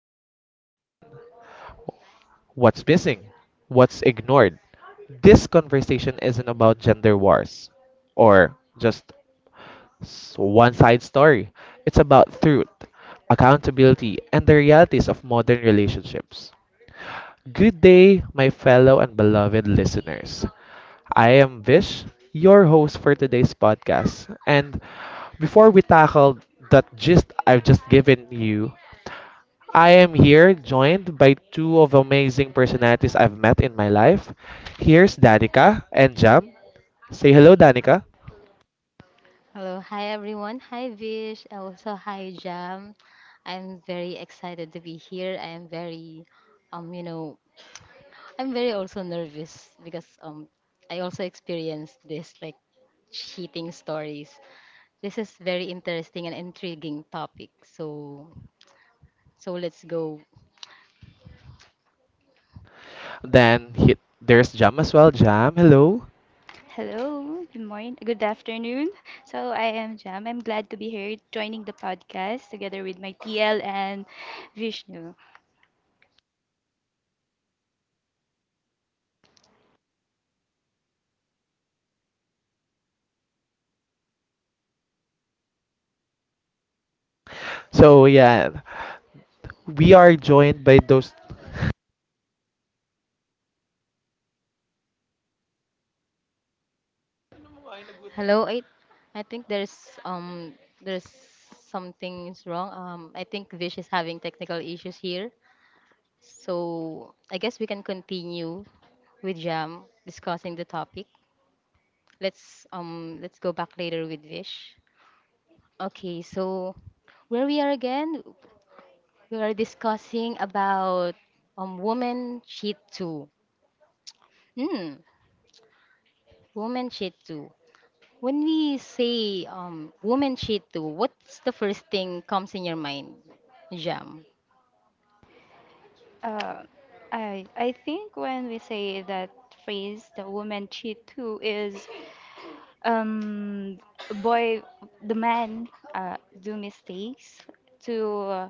what does it happen, what's missing, what's ignored. This conversation isn't about gender wars or just One Side Story. It's about truth, accountability, and the realities of modern relationships. Good day, my fellow and beloved listeners. I am Vish, your host for today's podcast. And before we tackle that gist I've just given you, I am here joined by two of amazing personalities I've met in my life. Here's Danica and Jam. Say hello, Danica. Hello, hi everyone. Hi Vish, and also hi Jam. I'm very excited to be here. I am very, um you know, I'm very also nervous because I also experienced this, like, cheating stories. This is very interesting and intriguing topic. So let's go. Then there's Jam as well. Jam, hello. Hello, good morning, good afternoon. So I am Jam. I'm glad to be here joining the podcast together with my TL and Vishnu. So yeah, we are joined by those. Hello. I think um there's something is wrong. I think Vish is having technical issues here. So I guess we can continue with Jam discussing the topic. Let's go back later with Vish. Okay, so where we are again, we are discussing about women cheat too. Hmm, women cheat too. When we say women cheat too, what's the first thing comes in your mind, Jam? Uh, I think when we say that phrase, the woman cheat too, is um boy, the man uh, do mistakes to uh,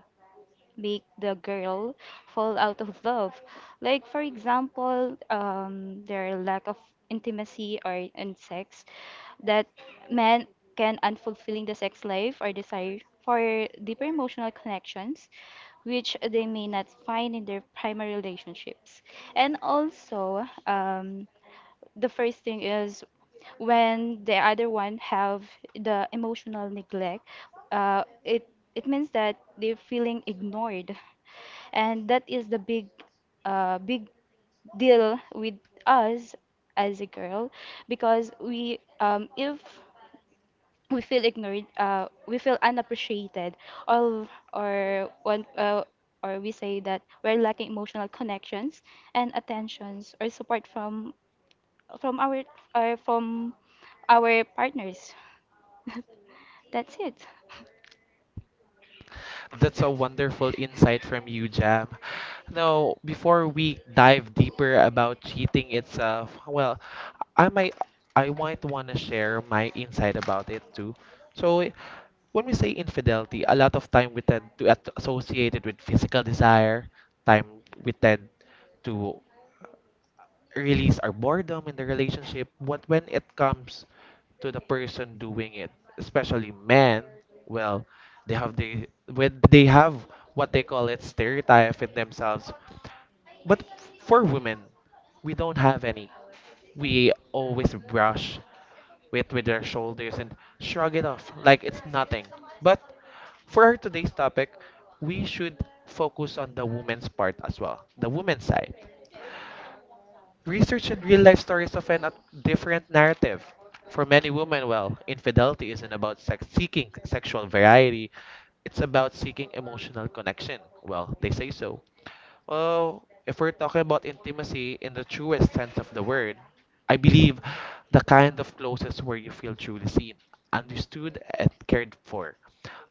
make the girl fall out of love. Like, for example, their lack of intimacy or in sex that men can unfulfilling the sex life or desire for deeper emotional connections which they may not find in their primary relationships, and also the first thing is when the other one have the emotional neglect. Uh, it it means that they're feeling ignored, and that is the big deal with us as a girl because we if we feel ignored, we feel unappreciated, or or one uh, or we say that we're lacking emotional connections and attentions or support from our from our partners. That's it. That's a wonderful insight from you, Jam. Now, before we dive deeper about cheating itself, well, I might, I might want to share my insight about it too. So when we say infidelity, a lot of time we tend to associate it with physical desire. Time we tend to release our boredom in the relationship, but when it comes to the person doing it, especially men, well, they have the when they have what they call it stereotype in themselves. But for women, we don't have any. We always brush it with our shoulders and shrug it off like it's nothing. But for our today's topic, we should focus on the woman's part as well, the woman's side. Research and real life stories often a different narrative. For many women, well, infidelity isn't about sex seeking sexual variety, it's about seeking emotional connection. Well, they say so. Well, if we're talking about intimacy in the truest sense of the word, I believe the kind of closest where you feel truly seen, understood, and cared for.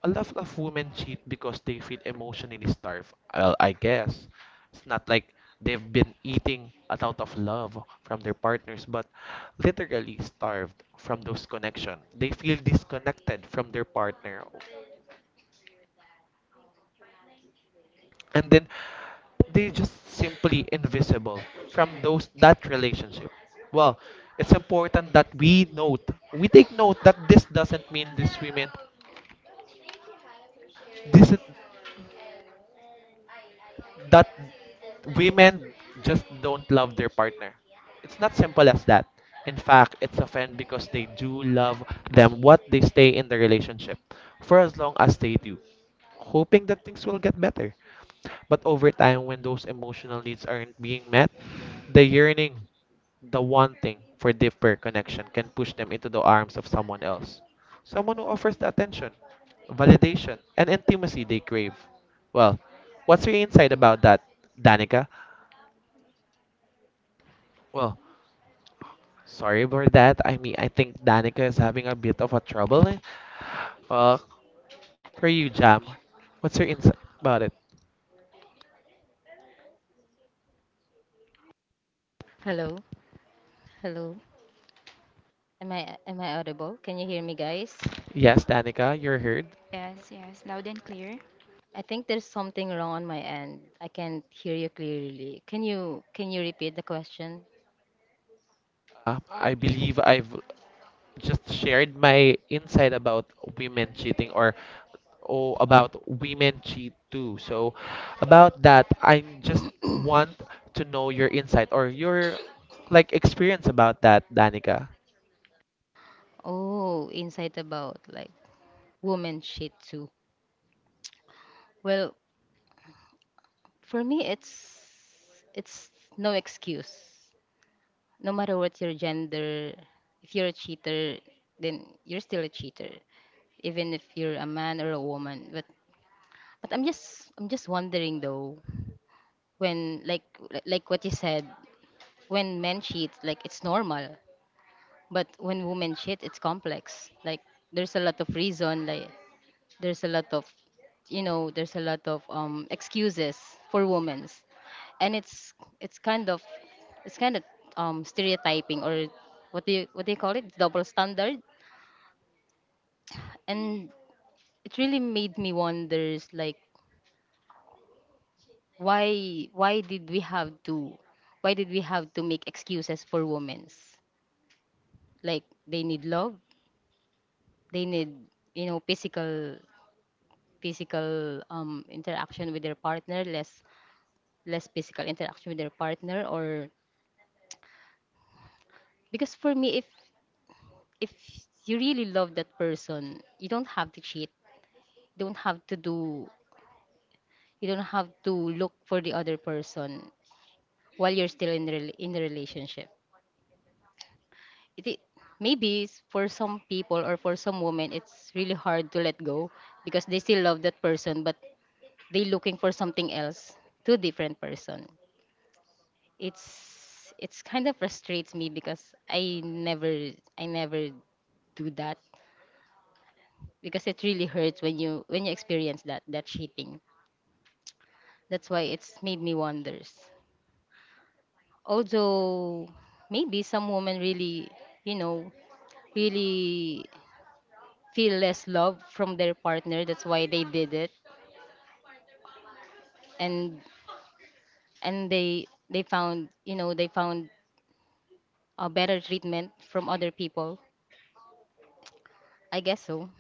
A lot of women cheat because they feel emotionally starved. Well, I guess it's not like they've been eating a lot of love from their partners, but literally starved from those connections. They feel disconnected from their partner, and then they just simply invisible from those that relationship. Well, it's important that we note, we take note that this doesn't mean these women, this that women just don't love their partner. It's not simple as that. In fact, it's often because they do love them what they stay in the relationship for as long as they do, hoping that things will get better. But over time, when those emotional needs aren't being met, the yearning the wanting for deeper connection can push them into the arms of someone else. Someone who offers the attention, validation, and intimacy they crave. Well, what's your insight about that, Danica? Well, sorry for that. I mean, I think Danica is having a bit of a trouble. Eh. Well, for you, Jam, what's your insight about it? Hello, hello. Am I audible? Can you hear me, guys? Yes, Danica, you're heard. Yes, yes, loud and clear. I think there's something wrong on my end. I can't hear you clearly. Can you repeat the question? I believe I've just shared my insight about women cheating about women cheat too. So about that, I just want to know your insight or your like experience about that, Danica. Oh, insight about like woman shit too. Well, for me it's no excuse. No matter what your gender, if you're a cheater, then you're still a cheater, even if you're a man or a woman. But I'm just wondering though, when, like what you said, when men cheat, like, it's normal, but when women cheat, it's complex, like there's a lot of reason, like there's a lot of, there's a lot of excuses for women, and it's kind of, it's kind of stereotyping, or what do you call it, double standard. And it really made me wonders, like, why did we have to why did we have to make excuses for women's, like, they need love, they need, physical, physical interaction with their partner, less physical interaction with their partner, or, because for me, if you really love that person, you don't have to cheat. You don't have to do you don't have to look for the other person while you're still in the relationship. It, maybe it's for some people, or for some women, it's really hard to let go because they still love that person, but they looking for something else, to different person. It's kind of frustrates me because I never I never do that, because it really hurts when you experience that cheating. That's why it's made me wonders. Although maybe some women really, you know, really feel less love from their partner. That's why they did it, and and they found you know they found a better treatment from other people. I guess so.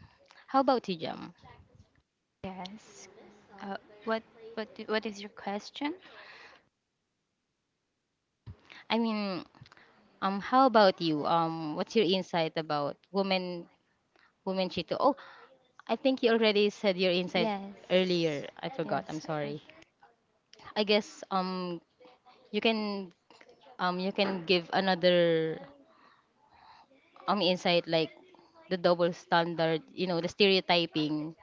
How about you, Jam? Yes. Uh, what what is your question? I mean, how about you? What's your insight about women cheating? Oh, I think you already said your insight Yes. earlier. I forgot. I'm Yes. sorry. I guess you can you can give another insight, like the double standard, you know, the stereotyping.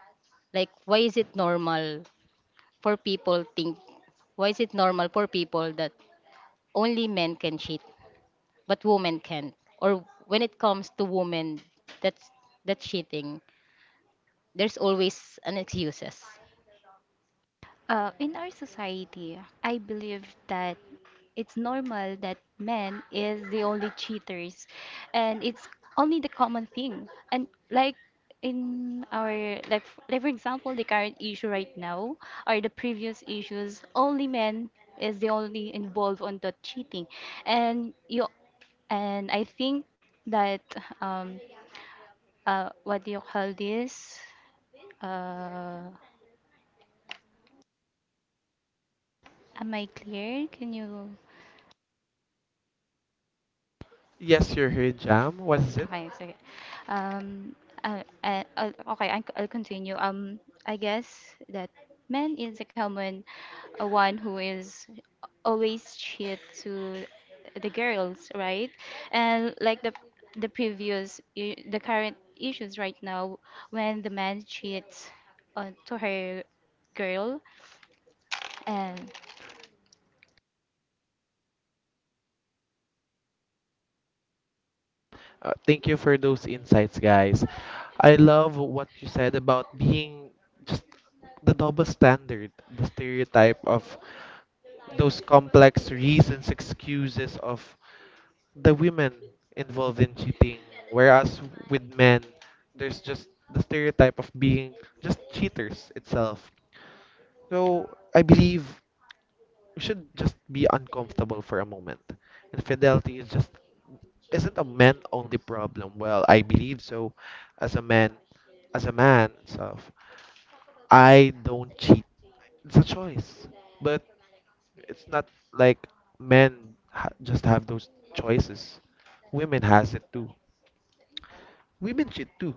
Like, for people think why is it normal for people that only men can cheat, but women can't? Or when it comes to women, that's that's cheating, there's always an excuses. In our society, I believe that it's normal that men is the only cheaters, and it's only the common thing. And like in our like, like for example, the current issue right now or the previous issues, only men is the only involved on the cheating, and you and I think that um what do you call this? Uh, am I clear? Can you? Yes, you're here, Jam. What is it? Okay, sige. Um, uh, uh, uh, okay, I'll continue. I guess that man is a common one who is always cheat to the girls, right? And like the previous, the current issues right now, when the man cheats on to her girl, and Thank you for those insights, guys. I love what you said about being just the double standard, the stereotype of those complex reasons, excuses of the women involved in cheating, whereas with men there's just the stereotype of being just cheaters itself. So I believe we should just be uncomfortable for a moment. Infidelity is just isn't a men only problem, well, I believe so. as a man as a man itself, I don't cheat. It's a choice. But it's not like men just have those choices. Women has it too. Women cheat too.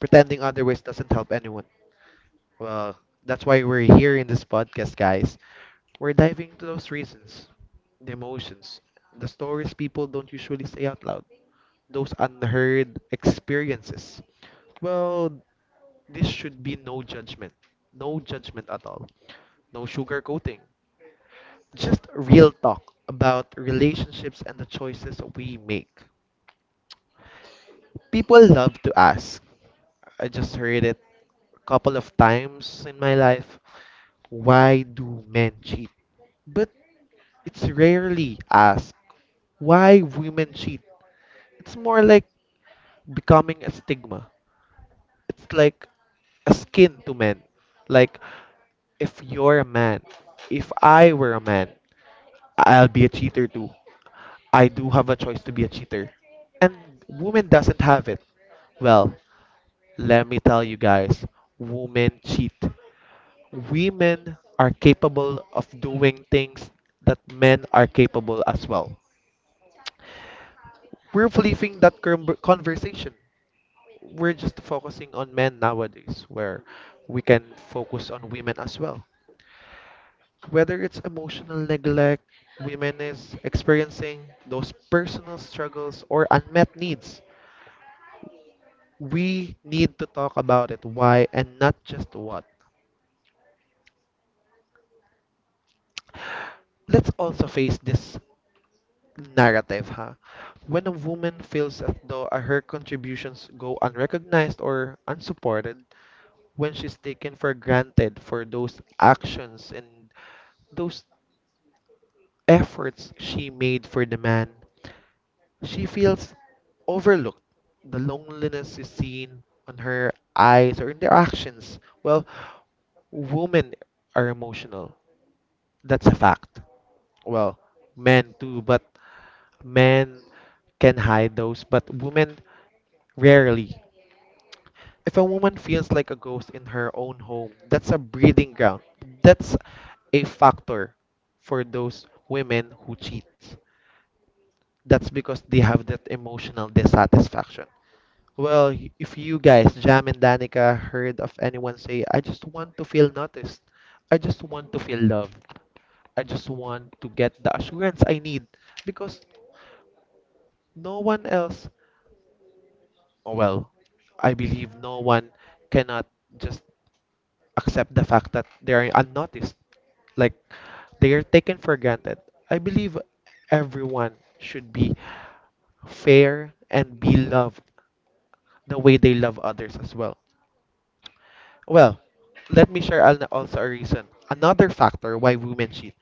Pretending otherwise doesn't help anyone. Well, that's why we're here in this podcast, guys. We're diving into those reasons, the emotions, the stories people don't usually say out loud, those unheard experiences. Well, this should be no judgment. No judgment at all. No sugarcoating. Just real talk about relationships and the choices we make. People love to ask. I just heard it a couple of times in my life. Why do men cheat? But it's rarely asked why women cheat. It's more like becoming a stigma. It's like a skin to men. Like if you're a man, if I were a man, I'll be a cheater too. I do have a choice to be a cheater. And woman doesn't have it. Well, let me tell you guys, women cheat. Women are capable of doing things that men are capable as well. We're leaving that conversation. We're just focusing on men nowadays, where we can focus on women as well. Whether it's emotional neglect, women is experiencing those personal struggles or unmet needs. We need to talk about it, why and not just what. Let's also face this narrative, huh? When a woman feels as though her contributions go unrecognized or unsupported, when she's taken for granted for those actions and those efforts she made for the man, she feels overlooked. The loneliness is seen on her eyes or in their actions. Well, women are emotional. That's a fact. Well, men too, but men can hide those, but women rarely. If a woman feels like a ghost in her own home, that's a breeding ground. That's a factor for those women who cheat. That's because they have that emotional dissatisfaction. Well, if you guys, Jam and Danica, heard of anyone say, I just want to feel noticed, I just want to feel loved, I just want to get the assurance I need, because no one else, well, I believe no one cannot just accept the fact that they are unnoticed. Like, they are taken for granted. I believe everyone should be fair and be loved the way they love others as well. Well, let me share also a reason. Another factor why women cheat.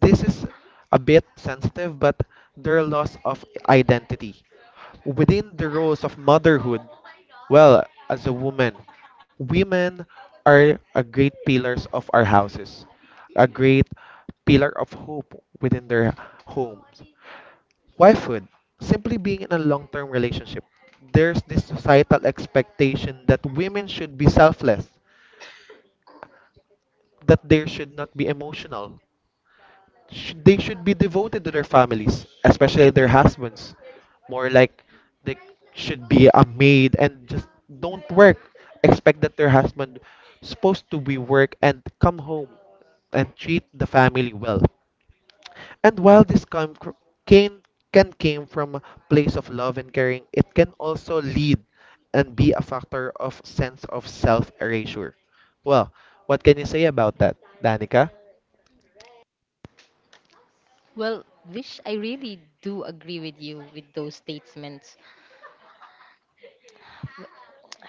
This is a bit sensitive, but their loss of identity. Within the roles of motherhood, well, as a woman, women are a great pillars of our houses, a great pillar of hope within their homes. Wifehood, simply being in a long term relationship, there's this societal expectation that women should be selfless, that they should not be emotional. They should be devoted to their families, especially their husbands. More like they should be a maid and just don't work. Expect that their husband supposed to be work and come home and treat the family well. And while this come cr- came can came from a place of love and caring, it can also lead and be a factor of sense of self erasure. Well, what can you say about that, Danica? Well, Vish, I really do agree with you with those statements.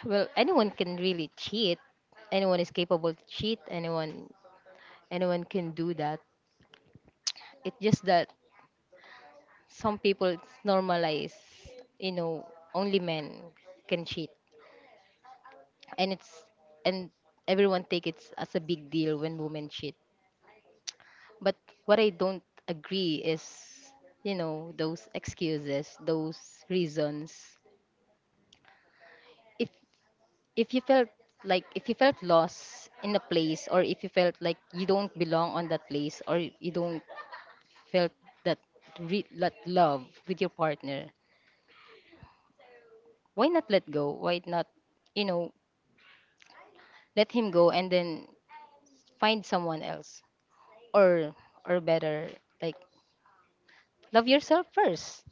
Well, anyone can really cheat. Anyone is capable to cheat. Anyone, anyone can do that. It's just that some people it's normalize. You know, only men can cheat, and it's and everyone take it as a big deal when women cheat. But what I don't agree is, those excuses, those reasons. If if you felt, like, if you felt lost in a place, or if you felt like you don't belong on that place, or you don't felt that that love with your partner, why not let go, why not, you know let him go, and then find someone else, or, better, like, love yourself first,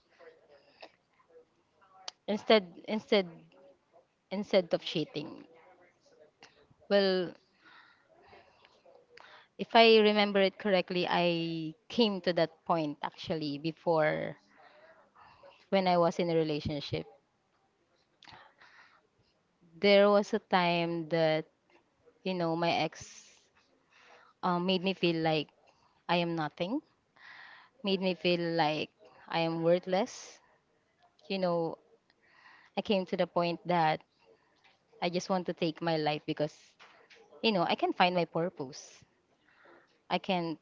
instead instead instead of cheating. Well, if I remember it correctly, I came to that point actually before. When I was in a relationship, there was a time that, you know, my ex, made me feel like I am nothing, made me feel like I am worthless. You know, I came to the point that I just want to take my life, because, you know, I can find my purpose. I can,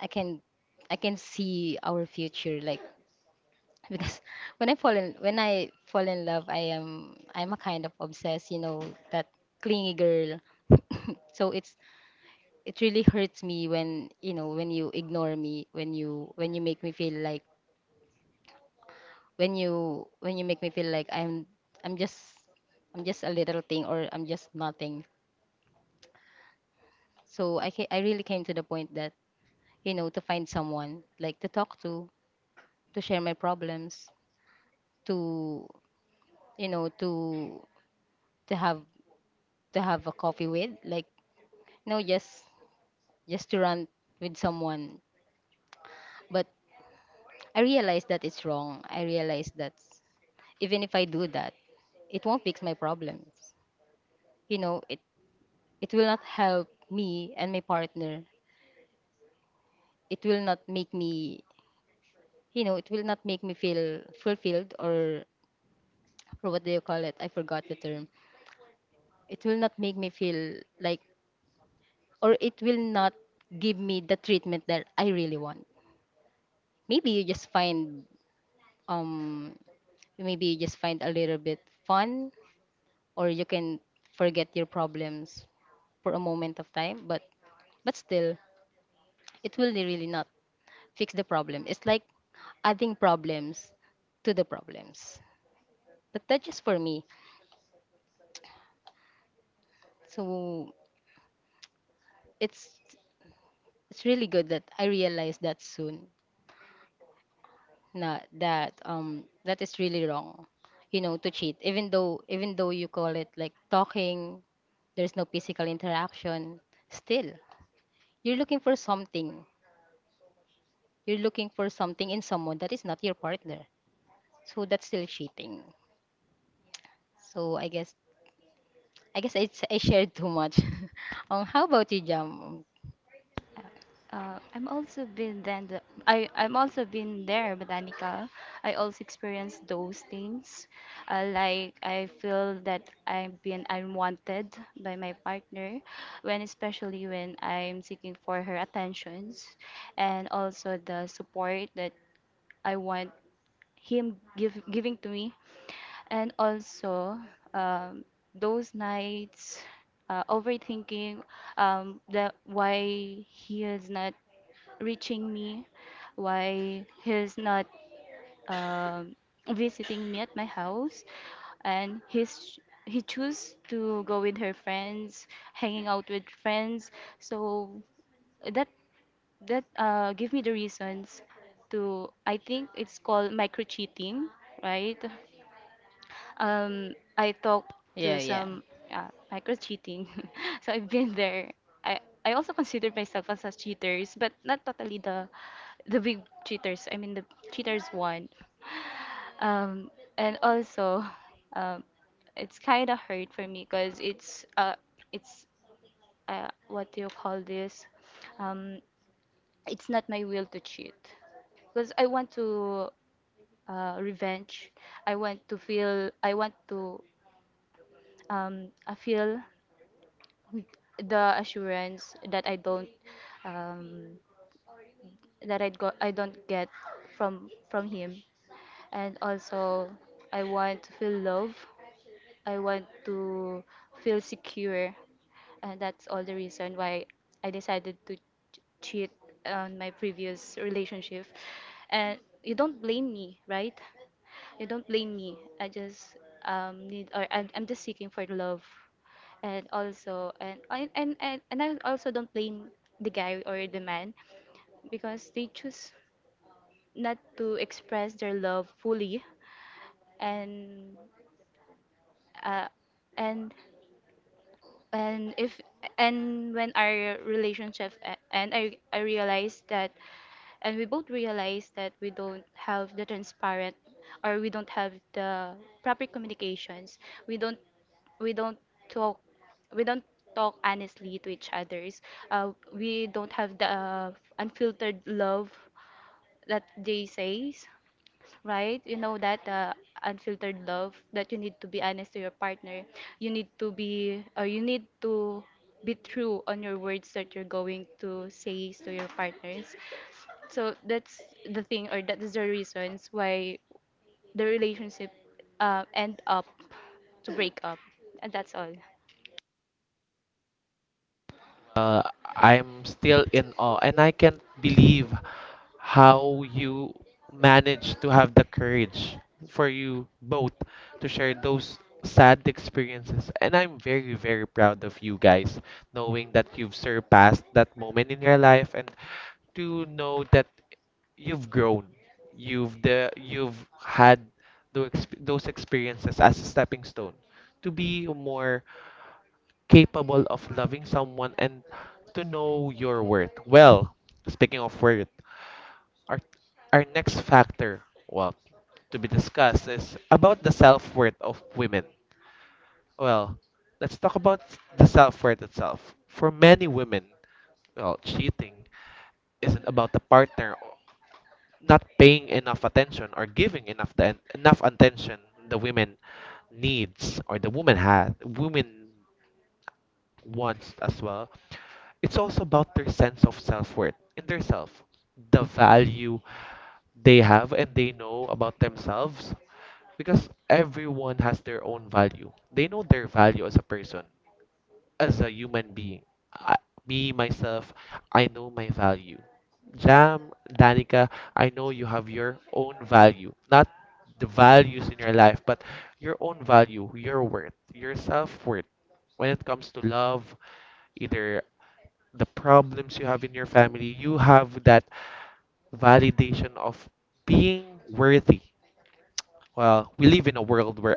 i can I can see our future, like. Because when I fall in love, I'm a kind of obsessed, you know, that clingy girl. So it really hurts me when, you know, when you ignore me, when you make me feel like, when you make me feel like i'm just I'm just a little thing, or I'm just nothing. So I really came to the point that, you know, to find someone, like, to talk to share my problems, to, you know, to have to have a coffee with, like, you know, just to run with someone. But I realized that it's wrong. I realized that even if I do that, it won't fix my problems. You know, it will not help me and my partner. It will not make me, you know, it will not make me feel fulfilled, or, what do you call it? I forgot the term. It will not make me feel like, or it will not give me the treatment that I really want. Maybe you just find, um maybe you just find a little bit fun, or you can forget your problems for a moment of time, but still, it will really not fix the problem. It's like adding problems to the problems. But that's just for me. So it's it's really good that I realized that soon. Na, that is really wrong, you know, to cheat. Even though you call it like talking, there's no physical interaction, still, you're looking for something. You're looking for something in someone that is not your partner. So that's still cheating. So I guess it's, I shared too much. How about you, Jam? I'm also been then the, I I'm also been there, Botanica. I also experienced those things. Like I feel that I've been unwanted by my partner, when especially when I'm seeking for her attentions, and also the support that I want him give giving to me, and also um, those nights overthinking, that why he is not reaching me, why he's not um visiting me at my house, and he chose to go with her friends, hanging out with friends. So that give me the reasons to I think it's called micro cheating, right? I talked to Yeah, yeah. some micro cheating, so I've been there. I also consider myself as a cheaters, but not totally the big cheaters. I mean the cheaters one. Um, and also, um, it's kind of hurt for me because it's what do you call this? Um, it's not my will to cheat because I want to revenge. I want to feel. I want to I feel the assurance that I don't, um, that I don't get from him, and also I want to feel love. I want to feel secure, and that's all the reason why I decided to cheat on my previous relationship. And you don't blame me, right? You don't blame me. I just, need, or I'm just seeking for love, and also, and I also don't blame the guy or the man because they choose not to express their love fully, and uh, and and if and when our relationship and I realized that, and we both realized that we don't have the transparent, or we don't have the proper communications, we don't we don't talk, we don't talk honestly to each others. We don't have the unfiltered love that they says, right? You know that, unfiltered love that you need to be honest to your partner. You need to be, or you need to be true on your words that you're going to say to your partners. So that's the thing, or that is the reasons why the relationship end up to break up. And that's all. Uh, I'm still in awe, and I can't believe how you managed to have the courage for you both to share those sad experiences. And I'm very, very proud of you guys, knowing that you've surpassed that moment in your life, and to know that you've grown, you've had those experiences as a stepping stone to be more capable of loving someone and to know your worth. Well, speaking of worth, our our next factor, well, to be discussed is about the self-worth of women. Well, let's talk about the self-worth itself. For many women, well, cheating isn't about the partner not paying enough attention or giving enough enough attention the women needs or the woman has women wants as well. It's also about their sense of self-worth in their self, the value they have and they know about themselves because everyone has their own value. They know their value as a person, as a human being. I, me, myself, I know my value. Jam, Danica, I know you have your own value. Not the values in your life, but your own value, your worth, your self worth. When it comes to love, either the problems you have in your family, you have that validation of being worthy. Well, we live in a world where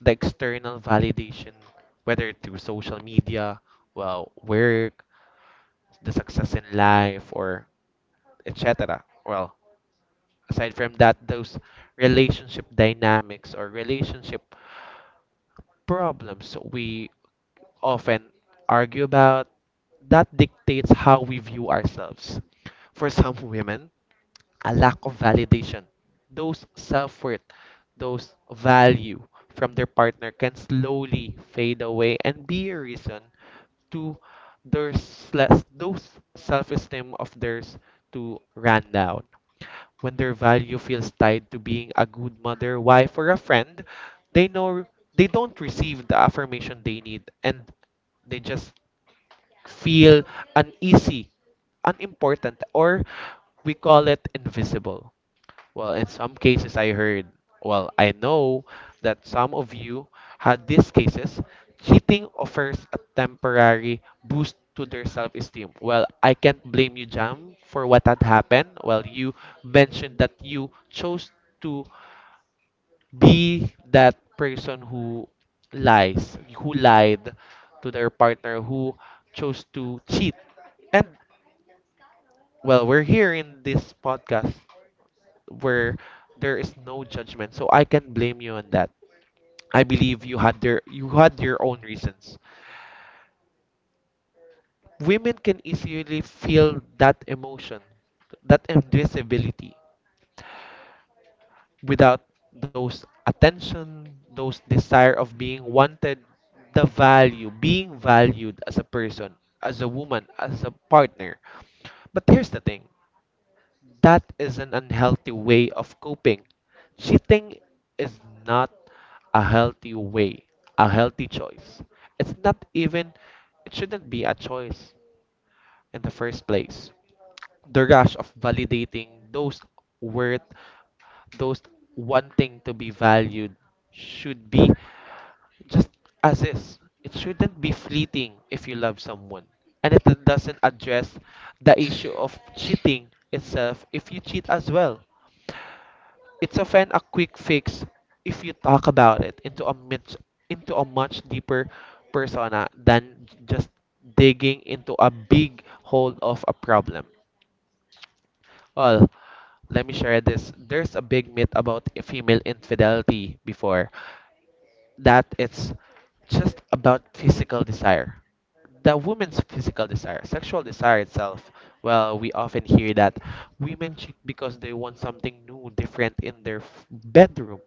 the external validation, whether through social media, well, work, the success in life, or etc. Well, aside from that, those relationship dynamics or relationship problems we often argue about that dictates how we view ourselves. For some women, a lack of validation. Those self worth, those value from their partner can slowly fade away and be a reason to their those self esteem of theirs to run down. When their value feels tied to being a good mother, wife, or a friend, they know they don't receive the affirmation they need and they just feel uneasy, unimportant, or we call it invisible. Well, in some cases, I heard, well, I know that some of you had these cases. Cheating offers a temporary boost to their self esteem. Well, I can't blame you, Jam, for what had happened. Well, you mentioned that you chose to be that person who lies, who lied to their partner, who chose to cheat. And, well, we're here in this podcast where there is no judgment. So I can blame you on that. I believe you had your own reasons. Women can easily feel that emotion, that invisibility, without those attention, those desire of being wanted, the value, being valued as a person, as a woman, as a partner. But here's the thing. That is an unhealthy way of coping. Cheating is not a healthy way, a healthy choice. It's not even, it shouldn't be a choice in the first place. The rush of validating those worth, those wanting to be valued should be just as is. It shouldn't be fleeting if you love someone. And it doesn't address the issue of cheating itself if you cheat as well. It's often a quick fix if you talk about it into a much deeper persona than just digging into a big hole of a problem. Well, let me share this. There's a big myth about female infidelity before that it's just about physical desire. The woman's physical desire, sexual desire itself, well, we often hear that women cheat because they want something new, different in their bedroom.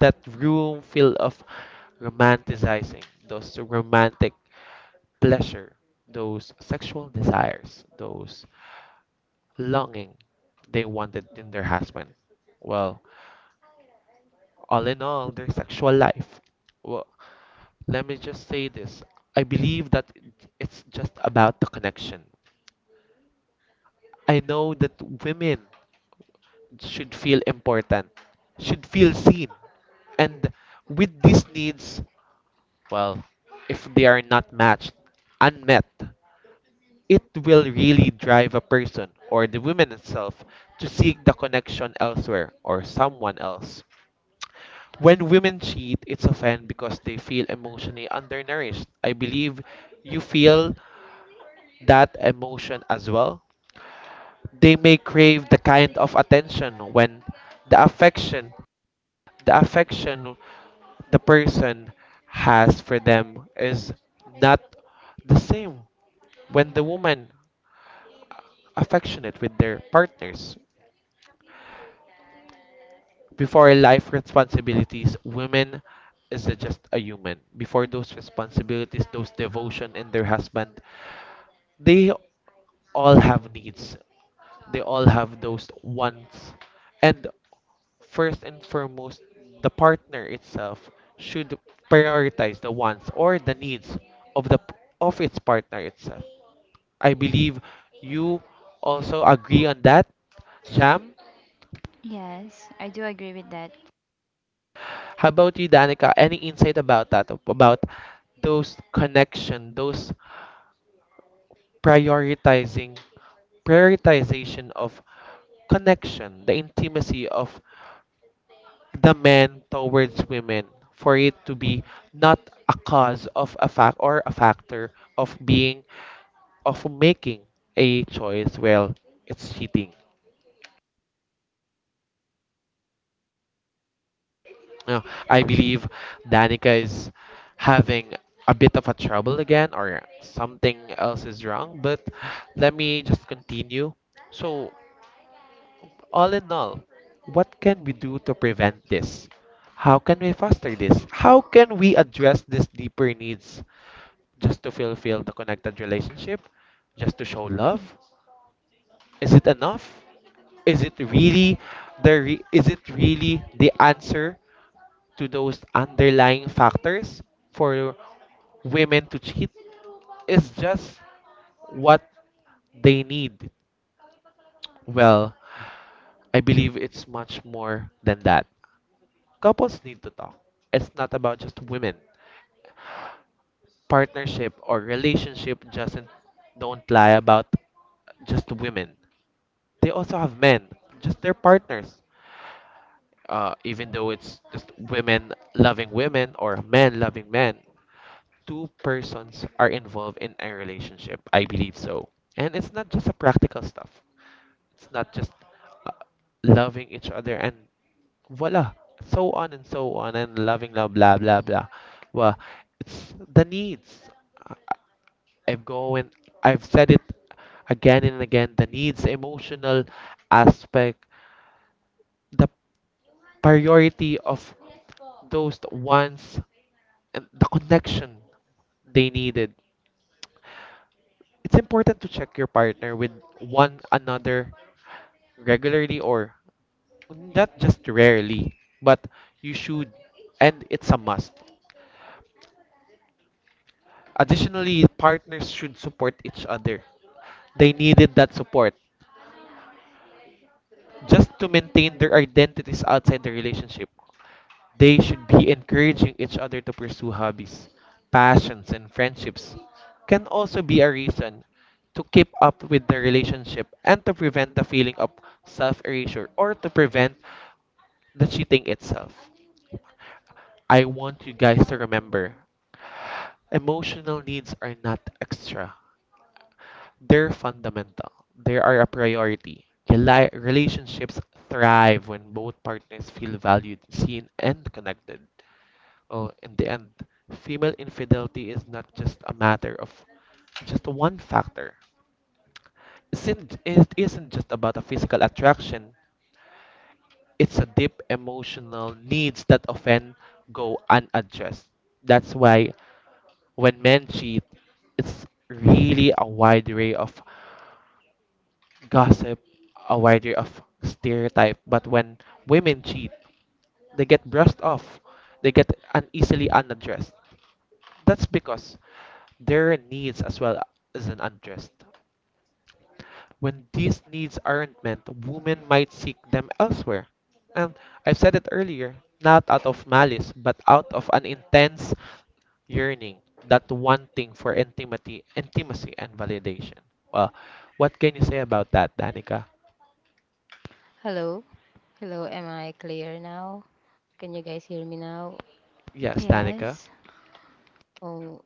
That room filled of romanticizing those romantic pleasure, those sexual desires, those longing they wanted in their husband, well, all in all their sexual life. Well, let me just say this. I believe that it's just about the connection. I know that women should feel important, should feel seen, and with these needs, well, if they are not matched, unmet, it will really drive a person or the woman itself to seek the connection elsewhere or someone else. When women cheat, it's often because they feel emotionally undernourished. I believe you feel that emotion as well. They may crave the kind of attention when the affection, the affection the person has for them is not the same. When the women affectionate with their partners. Before life responsibilities, women is just a human. Before those responsibilities, those devotion in their husband, they all have needs. They all have those wants. And first and foremost, the partner itself should prioritize the wants or the needs of the of its partner itself. I believe you also agree on that, Jam. Yes, I do agree with that. How about you, Danica? Any insight about that? About those connection, those prioritizing, prioritization of connection, the intimacy of the men towards women, for it to be not a cause of a fact or a factor of being of making a choice. Well, it's cheating. Uh, I believe Danica is having a bit of a trouble again, or something else is wrong. But let me just continue. So, all in all, what can we do to prevent this? How can we foster this? How can we address these deeper needs just to fulfill the connected relationship? Just to show love? Is it enough? Is it really is it really the answer to those underlying factors for women to cheat? It's just what they need. Well, I believe it's much more than that. Couples need to talk. It's not about just women. Partnership or relationship just don't lie about just women. They also have men, just their partners. Even though it's just women loving women or men loving men, two persons are involved in a relationship. I believe so. And it's not just a practical stuff. It's not just uh, loving each other and voila, so on and loving love blah blah blah. Well, it's the needs. I- I've going I've said it again and again. The needs, emotional aspect, the priority of those wants and the connection they needed. It's important to check your partner with one another regularly or not just rarely, but you should, and it's a must. Additionally, partners should support each other. They needed that support just to maintain their identities outside the relationship. They should be encouraging each other to pursue hobbies, passions, and friendships can also be a reason to keep up with the relationship and to prevent the feeling of self erasure or to prevent the cheating itself. I want you guys to remember emotional needs are not extra, they're fundamental, they are a priority. Relationships thrive when both partners feel valued, seen, and connected. Well, in the end, female infidelity is not just a matter of just one factor. It isn't just about a physical attraction, it's a deep emotional needs that often go unaddressed. That's why when men cheat, it's really a wide array of gossip, a wide array of stereotype. But when women cheat, they get brushed off, they get uneasily unaddressed. That's because their needs as well as an undressed. When these needs aren't met, women might seek them elsewhere. And I said it earlier, not out of malice, but out of an intense yearning, that wanting for intimacy, intimacy and validation. Well, what can you say about that, Danica? Hello, hello. Am I clear now? Can you guys hear me now? Yes, Danica. Yes. Oh,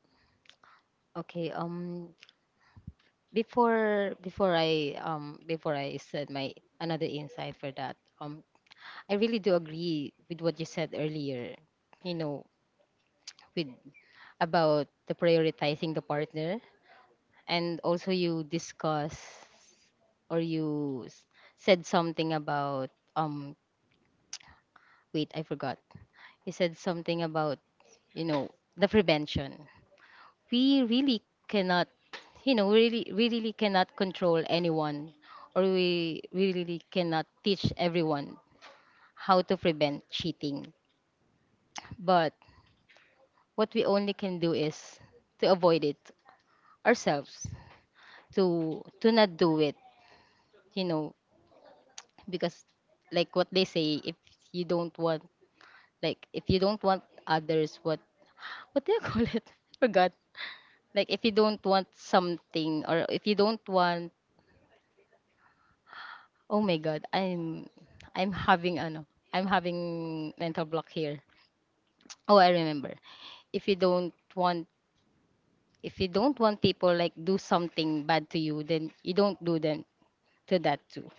okay. Before I said my another insight for that. I really do agree with what you said earlier. You know, with, about the prioritizing the partner, and also you discuss, or said something about, wait, I forgot. He said something about, you know, the prevention. We really cannot, you know, we really cannot control anyone, or we really cannot teach everyone how to prevent cheating. But what we only can do is to avoid it ourselves, to not do it, you know, because, like what they say, if you don't want, like, if you don't want others, what do you call it? I forgot. Like, if you don't want something, or if you don't want, oh my god, I'm having ano, I'm having mental block here. Oh, I remember. If you don't want if you don't want people, like, do something bad to you, then you don't do them to that too.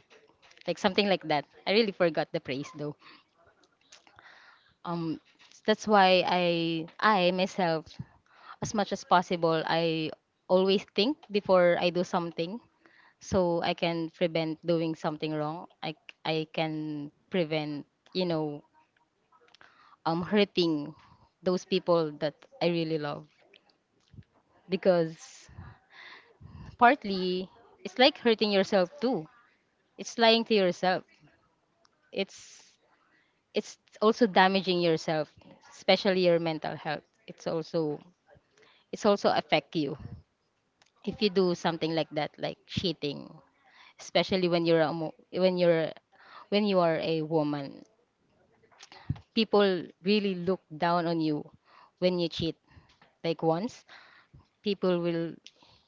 Like something like that. I really forgot the phrase though. Um that's why I myself, as much as possible, I always think before I do something, so I can prevent doing something wrong. I can prevent, you know, hurting those people that I really love, because partly it's like hurting yourself too. It's lying to yourself. It's it's also damaging yourself, especially your mental health. It's also affect you if you do something like that, like cheating, especially when when you are a woman, people really look down on you when you cheat. Like, once, people will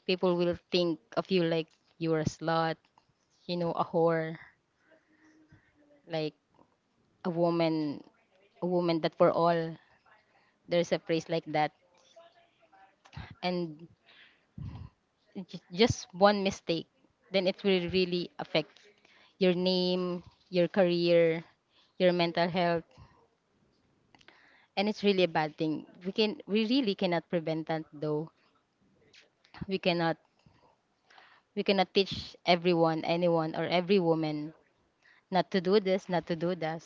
people will think of you like you're a slut, you know, a whore, like a woman, a woman that for all. There's a phrase like that, and just one mistake, then it will really affect your name, your career, your mental health, and it's really a bad thing. We really cannot prevent that though. We cannot We cannot teach everyone, anyone, or every woman, not to do this, not to do that.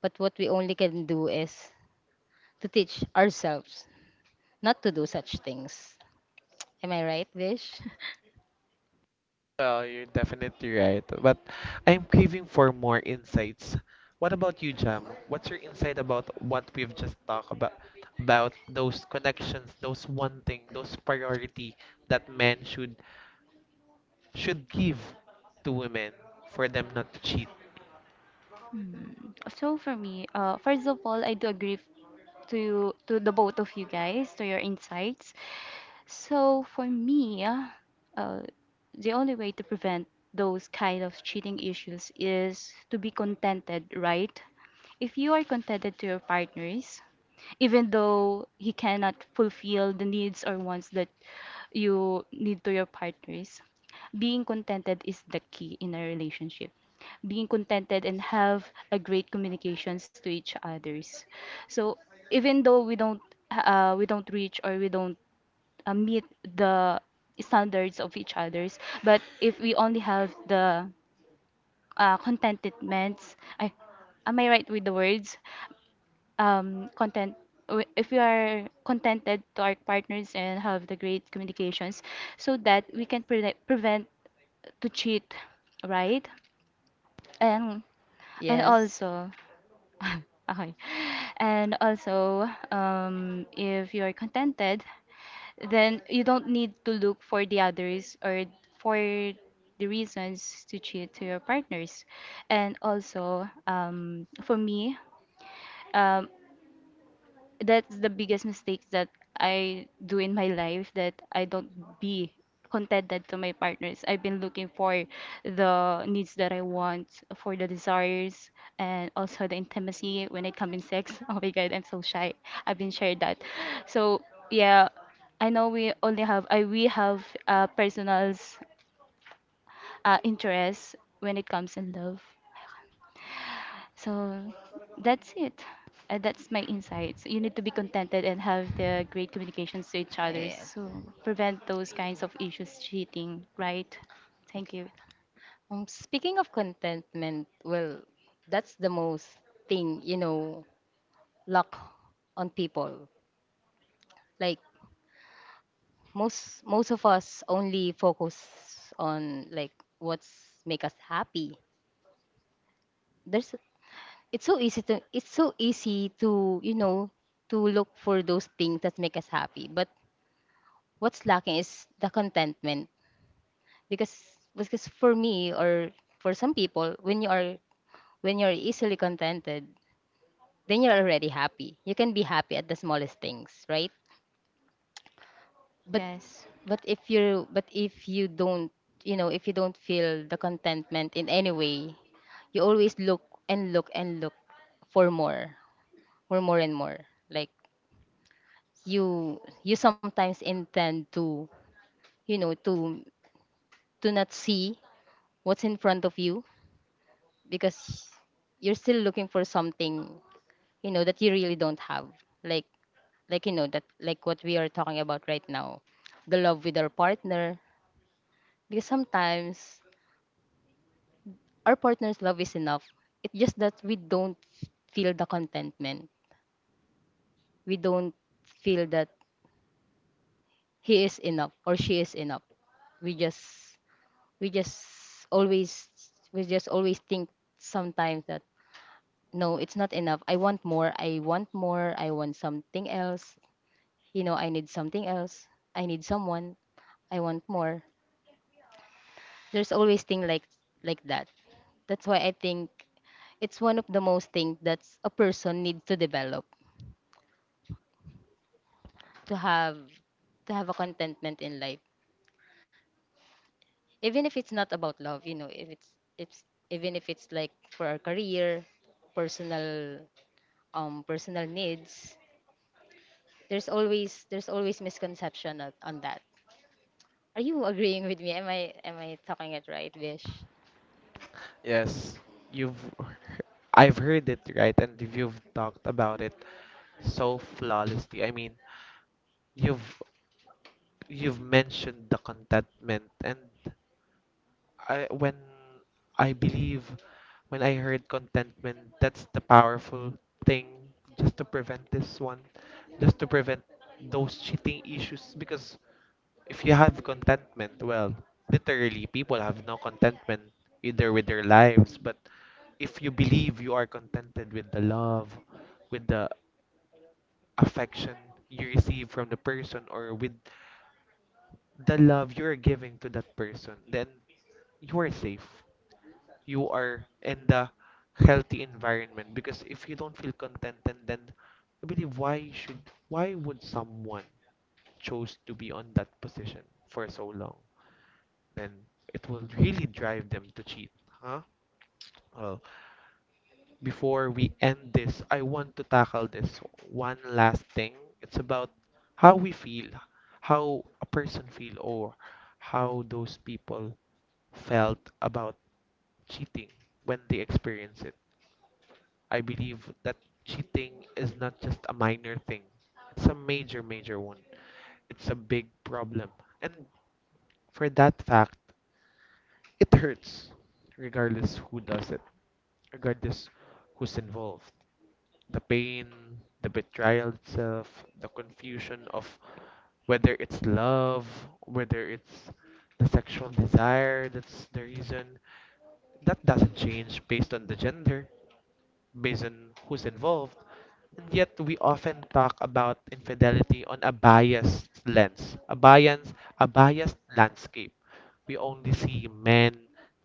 But what we only can do is to teach ourselves not to do such things. Am I right, Vish? Well, you're definitely right, but I'm craving for more insights. What about you, Jam? What's your insight about what we've just talked about? About those connections, those wanting, those priority that men should give to women for them not to cheat. Hmm. So for me, first of all, I do agree to to the both of you guys, to your insights. So for me, uh, the only way to prevent those kind of cheating issues is to be contented, right? If you are contented to your partners, even though he cannot fulfill the needs or wants that you need to your partners. Being contented is the key in a relationship. Being contented and have a great communications to each others. So even though we don't, we don't reach or we don't meet the standards of each others, but if we only have the contentments, I, am I right with the words? Um, if we are contented to our partners and have the great communications so that we can prevent to cheat, right? and and Yes. also okay, and also, if you are contented then you don't need to look for the others or for the reasons to cheat to your partners. And also, for me, um, that's the biggest mistake that I do in my life, that I don't be contented to my partners. I've been looking for the needs that I want, for the desires, and also the intimacy when it comes in sex. Oh my god, I'm so shy. I've been shared that. So yeah, I know we only have I we have personals interests when it comes in love. So that's it. That's my insights. You need to be contented and have the great communications to each other Yeah. so prevent those kinds of issues cheating, right? Thank Okay. you. Speaking of contentment, well, that's the most thing, you know, luck on people. Like, most of us only focus on, like, what's make us happy. There's it's so easy to it's so easy to you know to look for those things that make us happy, but what's lacking is the contentment. Because for me, or for some people, when you are, when you're easily contented, then you're already happy. You can be happy at the smallest things, right? But Yes. if you don't, if you don't feel the contentment in any way, you always look and look and look for more, for more and more. Like, you you sometimes intend to, you know to to not see what's in front of you, because you're still looking for something, you know, that you really don't have. Like like you know, that like what we are talking about right now, the love with our partner. Because sometimes our partner's love is enough. It's just that we don't feel the contentment, we don't feel that he is enough or she is enough. We just, we just always, we just always think sometimes that no, it's not enough. I want more, I want more, I want something else. You know, I need something else, I need someone, I want more. There's always thing like that. That's why I think it's one of the most things that a person needs to develop, to have, to have a contentment in life. Even if it's not about love, you know, if it's it's even if it's like for our career, personal, personal needs. There's always, misconception on that. Are you agreeing with me? Am I talking it right, Vish? Yes, you've he- I've heard it right, and you've talked about it so flawlessly. I mean, you've you've mentioned the contentment and I when I believe when I heard contentment, that's the powerful thing just to prevent this one, just to prevent those cheating issues. Because if you have contentment, well, literally people have no contentment either with their lives, but if you believe you are contented with the love, with the affection you receive from the person, or with the love you're giving to that person, then you are safe, you are in the healthy environment. Because if you don't feel contented, then I believe why should why would someone chose to be on that position for so long, then it will really drive them to cheat, huh. Well, before we end this, I want to tackle this one last thing. It's about how we feel, how a person feel or how those people felt about cheating when they experience it. I believe that cheating is not just a minor thing. It's a major, major one. It's a big problem. And for that fact, it hurts, regardless who does it, regardless who's involved. The pain, the betrayal itself, the confusion of whether it's love, whether it's the sexual desire that's the reason, that doesn't change based on the gender, based on who's involved, and yet we often talk about infidelity on a biased lens, a biased landscape. We only see men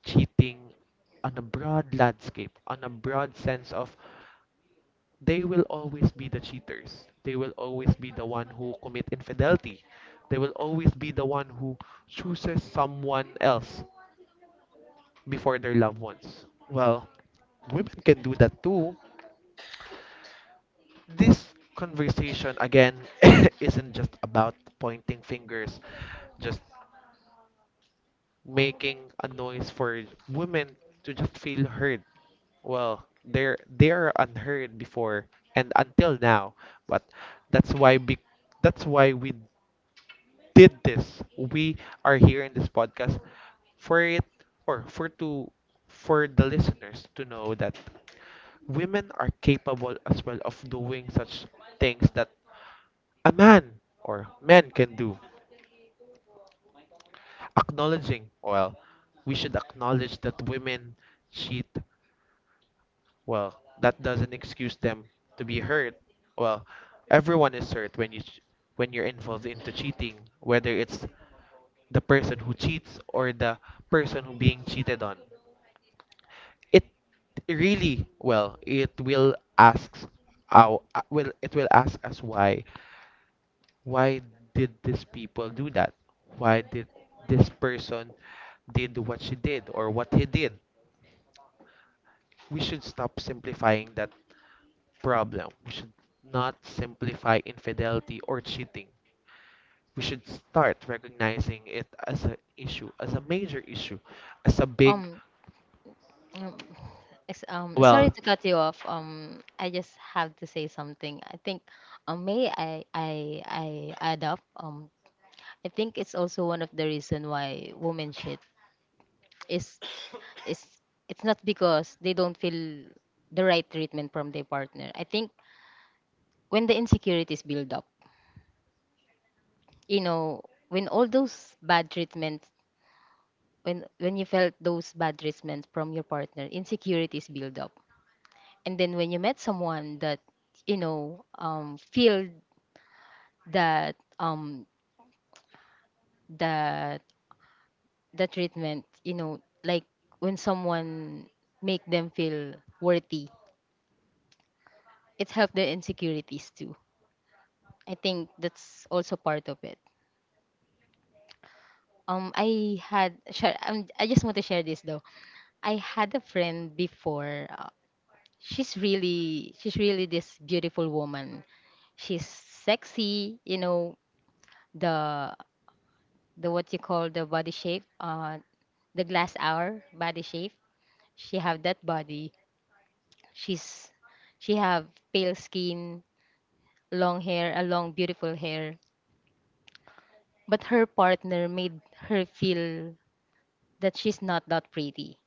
cheating on a broad landscape, on a broad sense of they will always be the cheaters. They will always be the one who commit infidelity. They will always be the one who chooses someone else before their loved ones. Well, women can do that too. This conversation again isn't just about pointing fingers, just making a noise for women to just feel heard. Well, they're unheard before and until now, but that's why be, that's why we did this. We are here in this podcast for it or for to for the listeners to know that women are capable as well of doing such things that a man or men can do. Acknowledging, well, we should acknowledge that women cheat. Well, that doesn't excuse them to be hurt. Well, everyone is hurt when when you're involved into cheating, whether it's the person who cheats or the person who being cheated on. It really, well, our, it will ask us why why did these people do that? Why did this person did what she did or what he did? We should stop simplifying that problem. We should not simplify infidelity or cheating. We should start recognizing it as an issue, as a major issue, as a big um um, Sorry well, to cut you off, I just have to say something. I think, may I, I add up? I think it's also one of the reason why women shit is, is it's not because they don't feel the right treatment from their partner. I think when the insecurities build up, you know, when all those bad treatments, when you felt those bad treatments from your partner, insecurities build up. And then when you met someone that, you know, feel that, that the treatment, you know, like when someone make them feel worthy, it helped their insecurities too. I think that's also part of it. I had share, I just want to share this though. I had a friend before. She's really this beautiful woman. She's sexy, you know. The the what you call the body shape, the glass hour body shape, she have that body. She's, she have pale skin, long hair, a long beautiful hair. But her partner made her feel that she's not that pretty.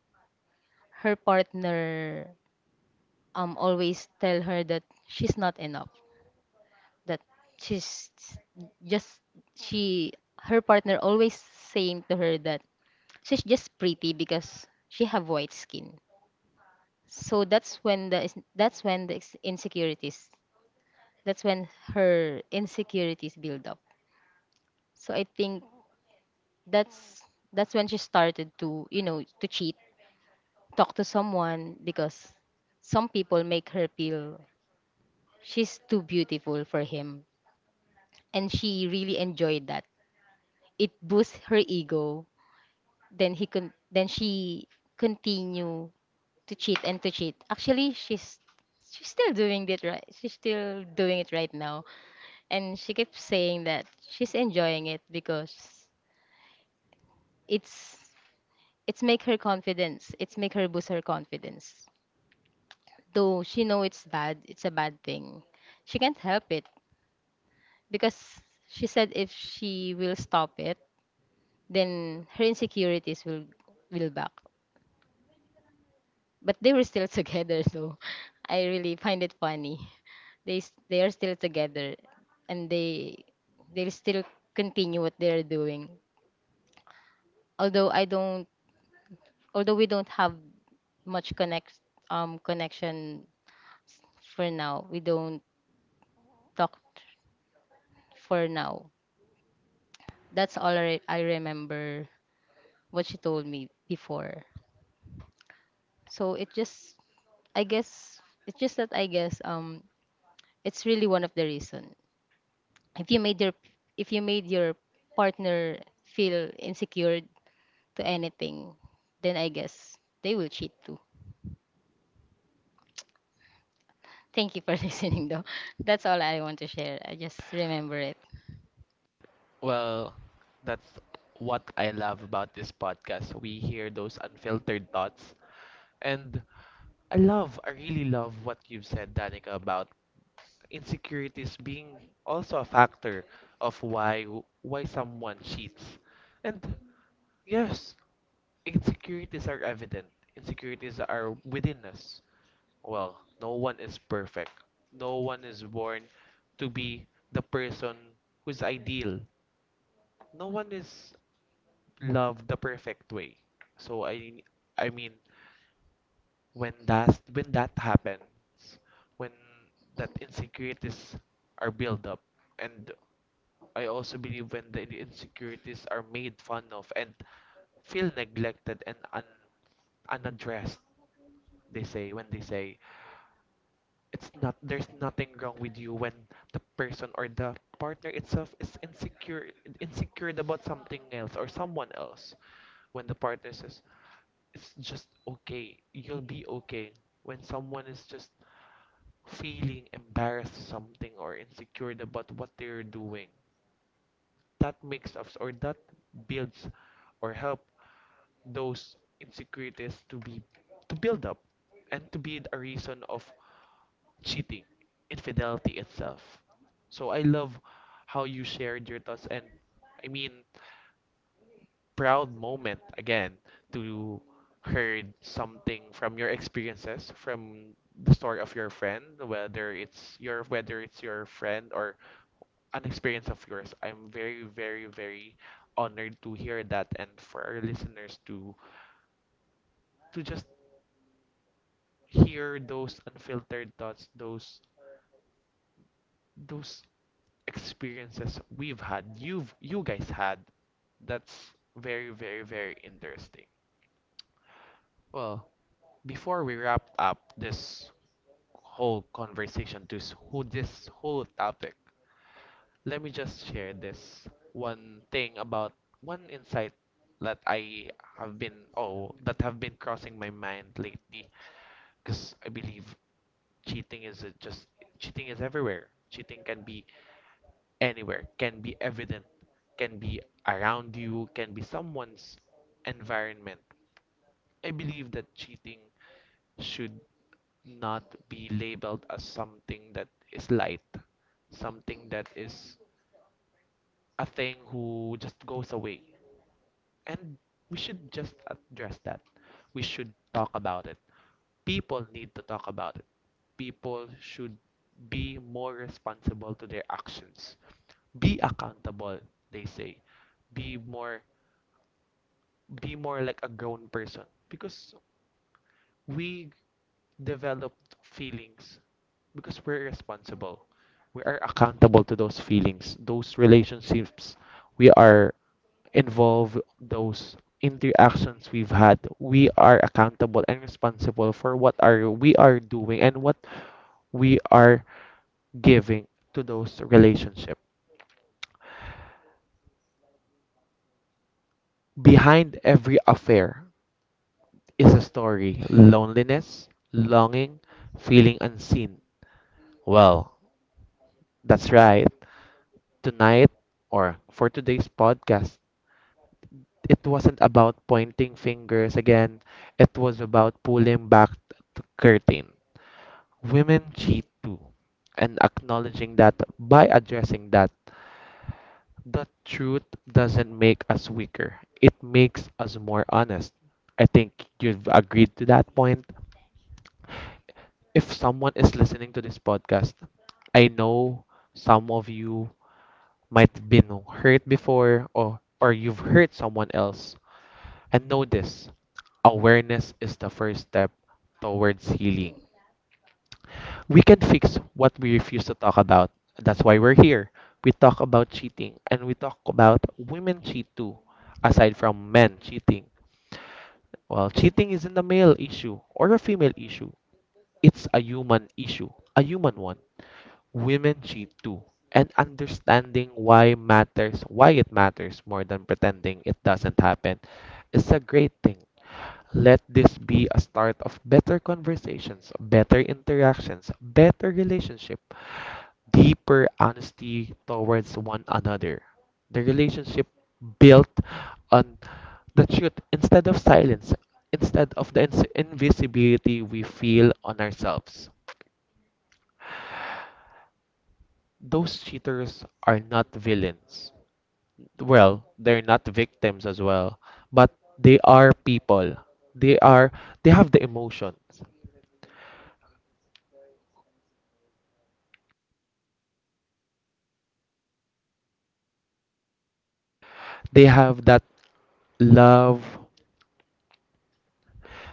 Her partner always tell her that she's not enough, that she's just, she, her partner always saying to her that she's just pretty because she have white skin. So that's when the is-, insecurities, that's when her insecurities build up. So I think that's that's when she started to, you know, to cheat, talk to someone, because some people make her feel she's too beautiful for him, and she really enjoyed that. It boosts her ego. Then she continue to cheat and to cheat. Actually she's still doing it right, she's still doing it right now. And she keeps saying that she's enjoying it because it's it's make her confidence, it's make her boost her confidence. Though she know it's bad, it's a bad thing, she can't help it. Because she said if she will stop it, then her insecurities will back. But they were still together, so I really find it funny. They are still together, and they still continue what they're doing. Although I don't, although we don't have much connect, connection for now. We don't talk for now. That's all I remember what she told me before. So it just, I guess it's just that, I guess, it's really one of the reason. if you made your if you made your partner feel insecure to anything, then I guess they will cheat too. Thank you for listening though. That's all I want to share, I just remember it. well, that's what I love about this podcast. We hear those unfiltered thoughts and I really love what you've said, Danica, about insecurities being also a factor of why someone cheats. And yes, insecurities are evident. Insecurities are within us. Well, no one is perfect. No one is born to be the person who's ideal. No one is loved the perfect way. So I mean when that happens, when that insecurities are built up, and I also believe when the insecurities are made fun of and feel neglected and unaddressed, they say it's not, there's nothing wrong with you when the person or the partner itself is insecure, insecure about something else or someone else. When the partner says it's just okay. You'll be okay when someone is just feeling embarrassed something or insecure about what they're doing. That makes us, or that builds or help those insecurities to be to build up and to be a reason of cheating, infidelity itself. So I love how you shared your thoughts and, I mean proud moment again to heard something from your experiences, from the story of your friend. Whether it's your whether it's your friend or an experience of yours, I'm very honored to hear that, and for our listeners to just hear those unfiltered thoughts, those experiences we've had, you guys had. That's very interesting. Well, before we wrap up this whole conversation, this whole topic, let me just share this one thing about one insight that I have been oh that have been crossing my mind lately, because I believe cheating is just cheating is everywhere. Cheating can be anywhere, can be evident, can be around you, can be someone's environment. I believe that cheating should not be labeled as something that is light, something that is a thing who just goes away. And we should just address that. We should talk about it. People need to talk about it. People should be more responsible to their actions. Be accountable, they say. Be more be more like a grown person, because we develop feelings because we're responsible. We are accountable to those feelings, those relationships we are involved, those interactions we've had. We are accountable and responsible for what are we are doing and what we are giving to those relationships. Behind every affair is a story, loneliness, longing, feeling unseen. Well, that's right. Tonight, or for today's podcast, it wasn't about pointing fingers again. It was about pulling back the curtain. Women cheat too. And acknowledging that, by addressing that, the truth doesn't make us weaker. It makes us more honest. I think you've agreed to that point. If someone is listening to this podcast, I know some of you might have been hurt before, or you've hurt someone else. And know this: awareness is the first step towards healing. We can fix what we refuse to talk about. That's why we're here. We talk about cheating, and we talk about women cheat too, aside from men cheating. Well, cheating isn't a male issue or a female issue, it's a human issue, a human one. Women cheat too. And understanding why matters, why it matters more than pretending it doesn't happen, is a great thing. Let this be a start of better conversations, better interactions, better relationship, deeper honesty towards one another. The relationship built on the truth instead of silence, instead of the invisibility we feel on ourselves. Those cheaters are not villains. Well, they're not victims as well, but they are people. They are they have the emotions. They have that love,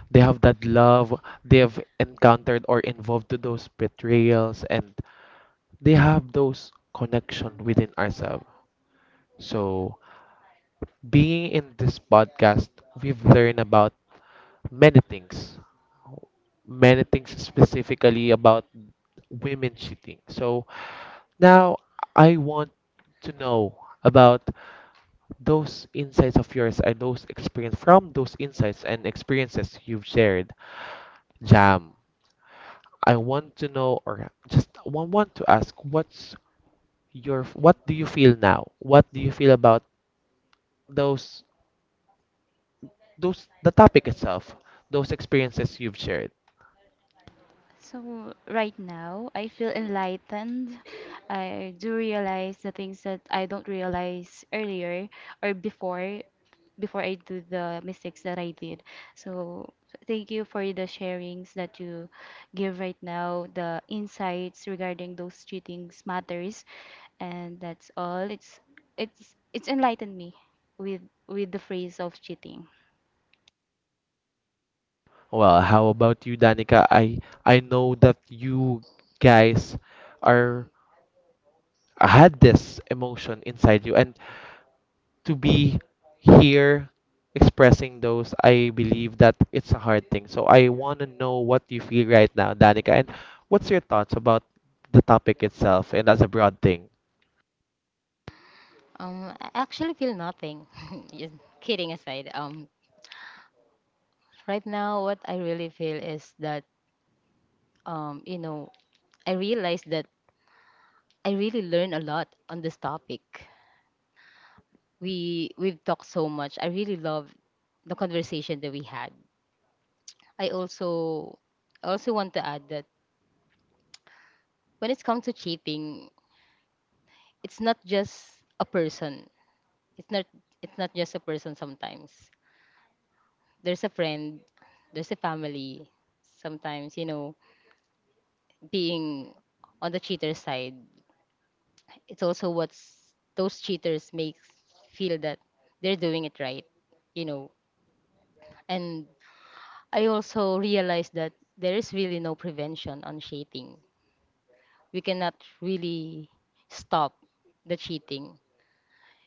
they have encountered or involved to those betrayals, and they have those connection within ourselves. So being in this podcast, we've learned about many things, many things specifically about women cheating. So now I want to know about those insights of yours and those experience. From those insights and experiences you've shared, Jam, I want to know, or just want to ask, what do you feel now? What do you feel about those, the topic itself, those experiences you've shared? So right now, I feel enlightened. I do realize the things that I don't realize earlier, or before before I do the mistakes that I did. So thank you for the sharings that you give right now, the insights regarding those cheatings matters, and that's all. It's enlightened me with with the phrase of cheating. Well, how about you, Danica? I know that you guys are had this emotion inside you, and to be here expressing those, I believe that it's a hard thing. So I want to know what you feel right now, Danica, and what's your thoughts about the topic itself and as a broad thing. I actually feel nothing. Just kidding aside, right now what I really feel is that, you know, I realized that I really learned a lot on this topic. We've talked so much. I really love the conversation that we had. I also I also want to add that when it's come to cheating, it's not just a person. It's not, it's not just a person sometimes. There's a friend, there's a family. Sometimes, you know, being on the cheater's side, it's also what's those cheaters makes feel that they're doing it right, you know. And I also realized that there is really no prevention on cheating. We cannot really stop the cheating,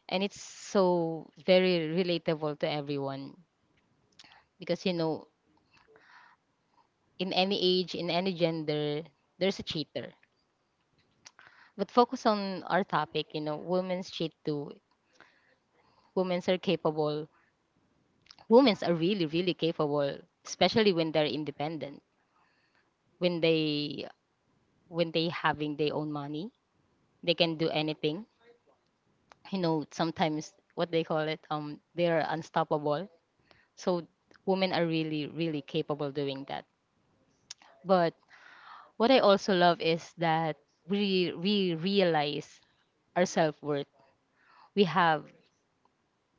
and it's so very relatable to everyone, because you know, in any age, in any gender, there's a cheater. But focus on our topic, you know, women's cheat too. Women's are capable, women's are really really capable, especially when they're independent, when they, when they having their own money, they can do anything. You know, sometimes what they call it, they're unstoppable. So women are really really capable doing that. But what I also love is that we realize our self worth. We have,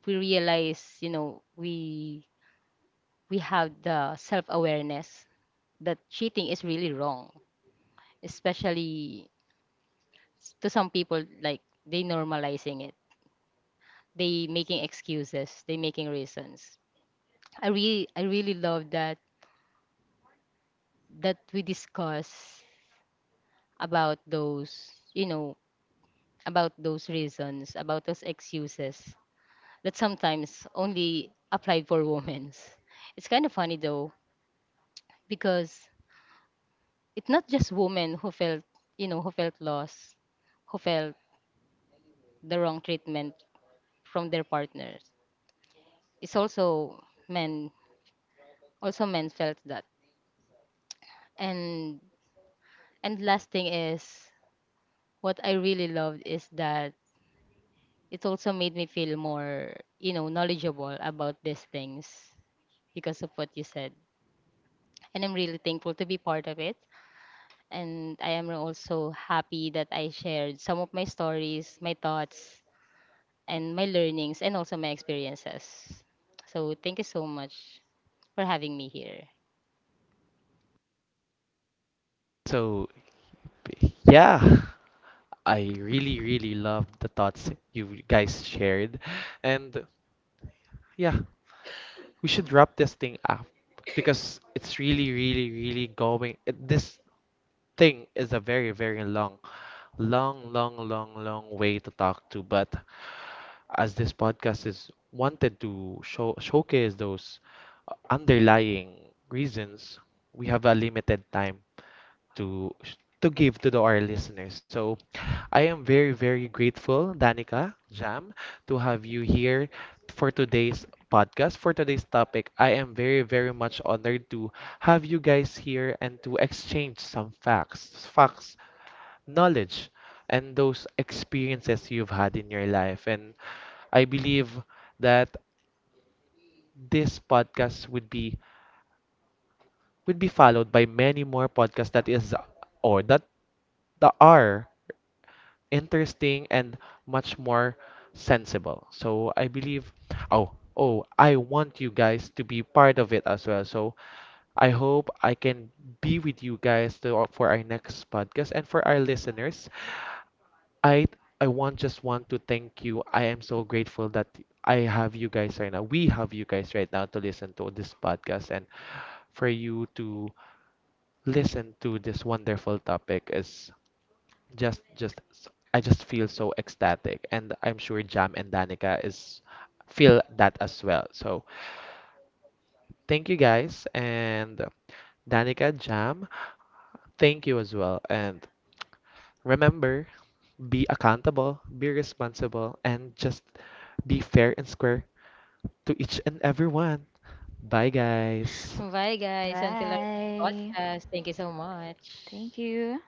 we realize, you know, we have the self awareness that cheating is really wrong. Especially to some people like they normalizing it. They making excuses, they making reasons. I really love that that we discuss about those, you know, about those reasons, about those excuses that sometimes only applied for women's. It's kind of funny though, because it's not just women who felt, you know, who felt lost, who felt the wrong treatment from their partners. It's men, also men felt that. And and last thing is what I really loved is that it also made me feel more, you know, knowledgeable about these things because of what you said. And I'm really thankful to be part of it. And I am also happy that I shared some of my stories, my thoughts, and my learnings, and also my experiences. So thank you so much for having me here. So, yeah, I really, really love the thoughts you guys shared. And yeah, we should wrap this thing up, because it's really, really, really going. This thing is a very, very long, long way to talk to, but as this podcast is wanted to showcase those underlying reasons, we have a limited time to give to the, our listeners. So I am very, very grateful, Danica, Jam, to have you here for today's podcast. For today's topic, I am very, very much honored to have you guys here and to exchange some facts. Knowledge and those experiences you've had in your life. And I believe that this podcast would be followed by many more podcasts that is or that that are interesting and much more sensible. So I believe oh I want you guys to be part of it as well. So I hope I can be with you guys for our next podcast and for our listeners. I I want just want to thank you. I am so grateful that I have you guys right now. We have you guys right now to listen to this podcast, and for you to listen to this wonderful topic is just I just feel so ecstatic, and I'm sure Jam and Danica is feel that as well. So thank you guys, and Danica, Jam, thank you as well. And remember, be accountable, be responsible, and just be fair and square to each and everyone. Bye, guys. Bye, guys. Until our next Bye. podcast. Thank you so Thank much. you.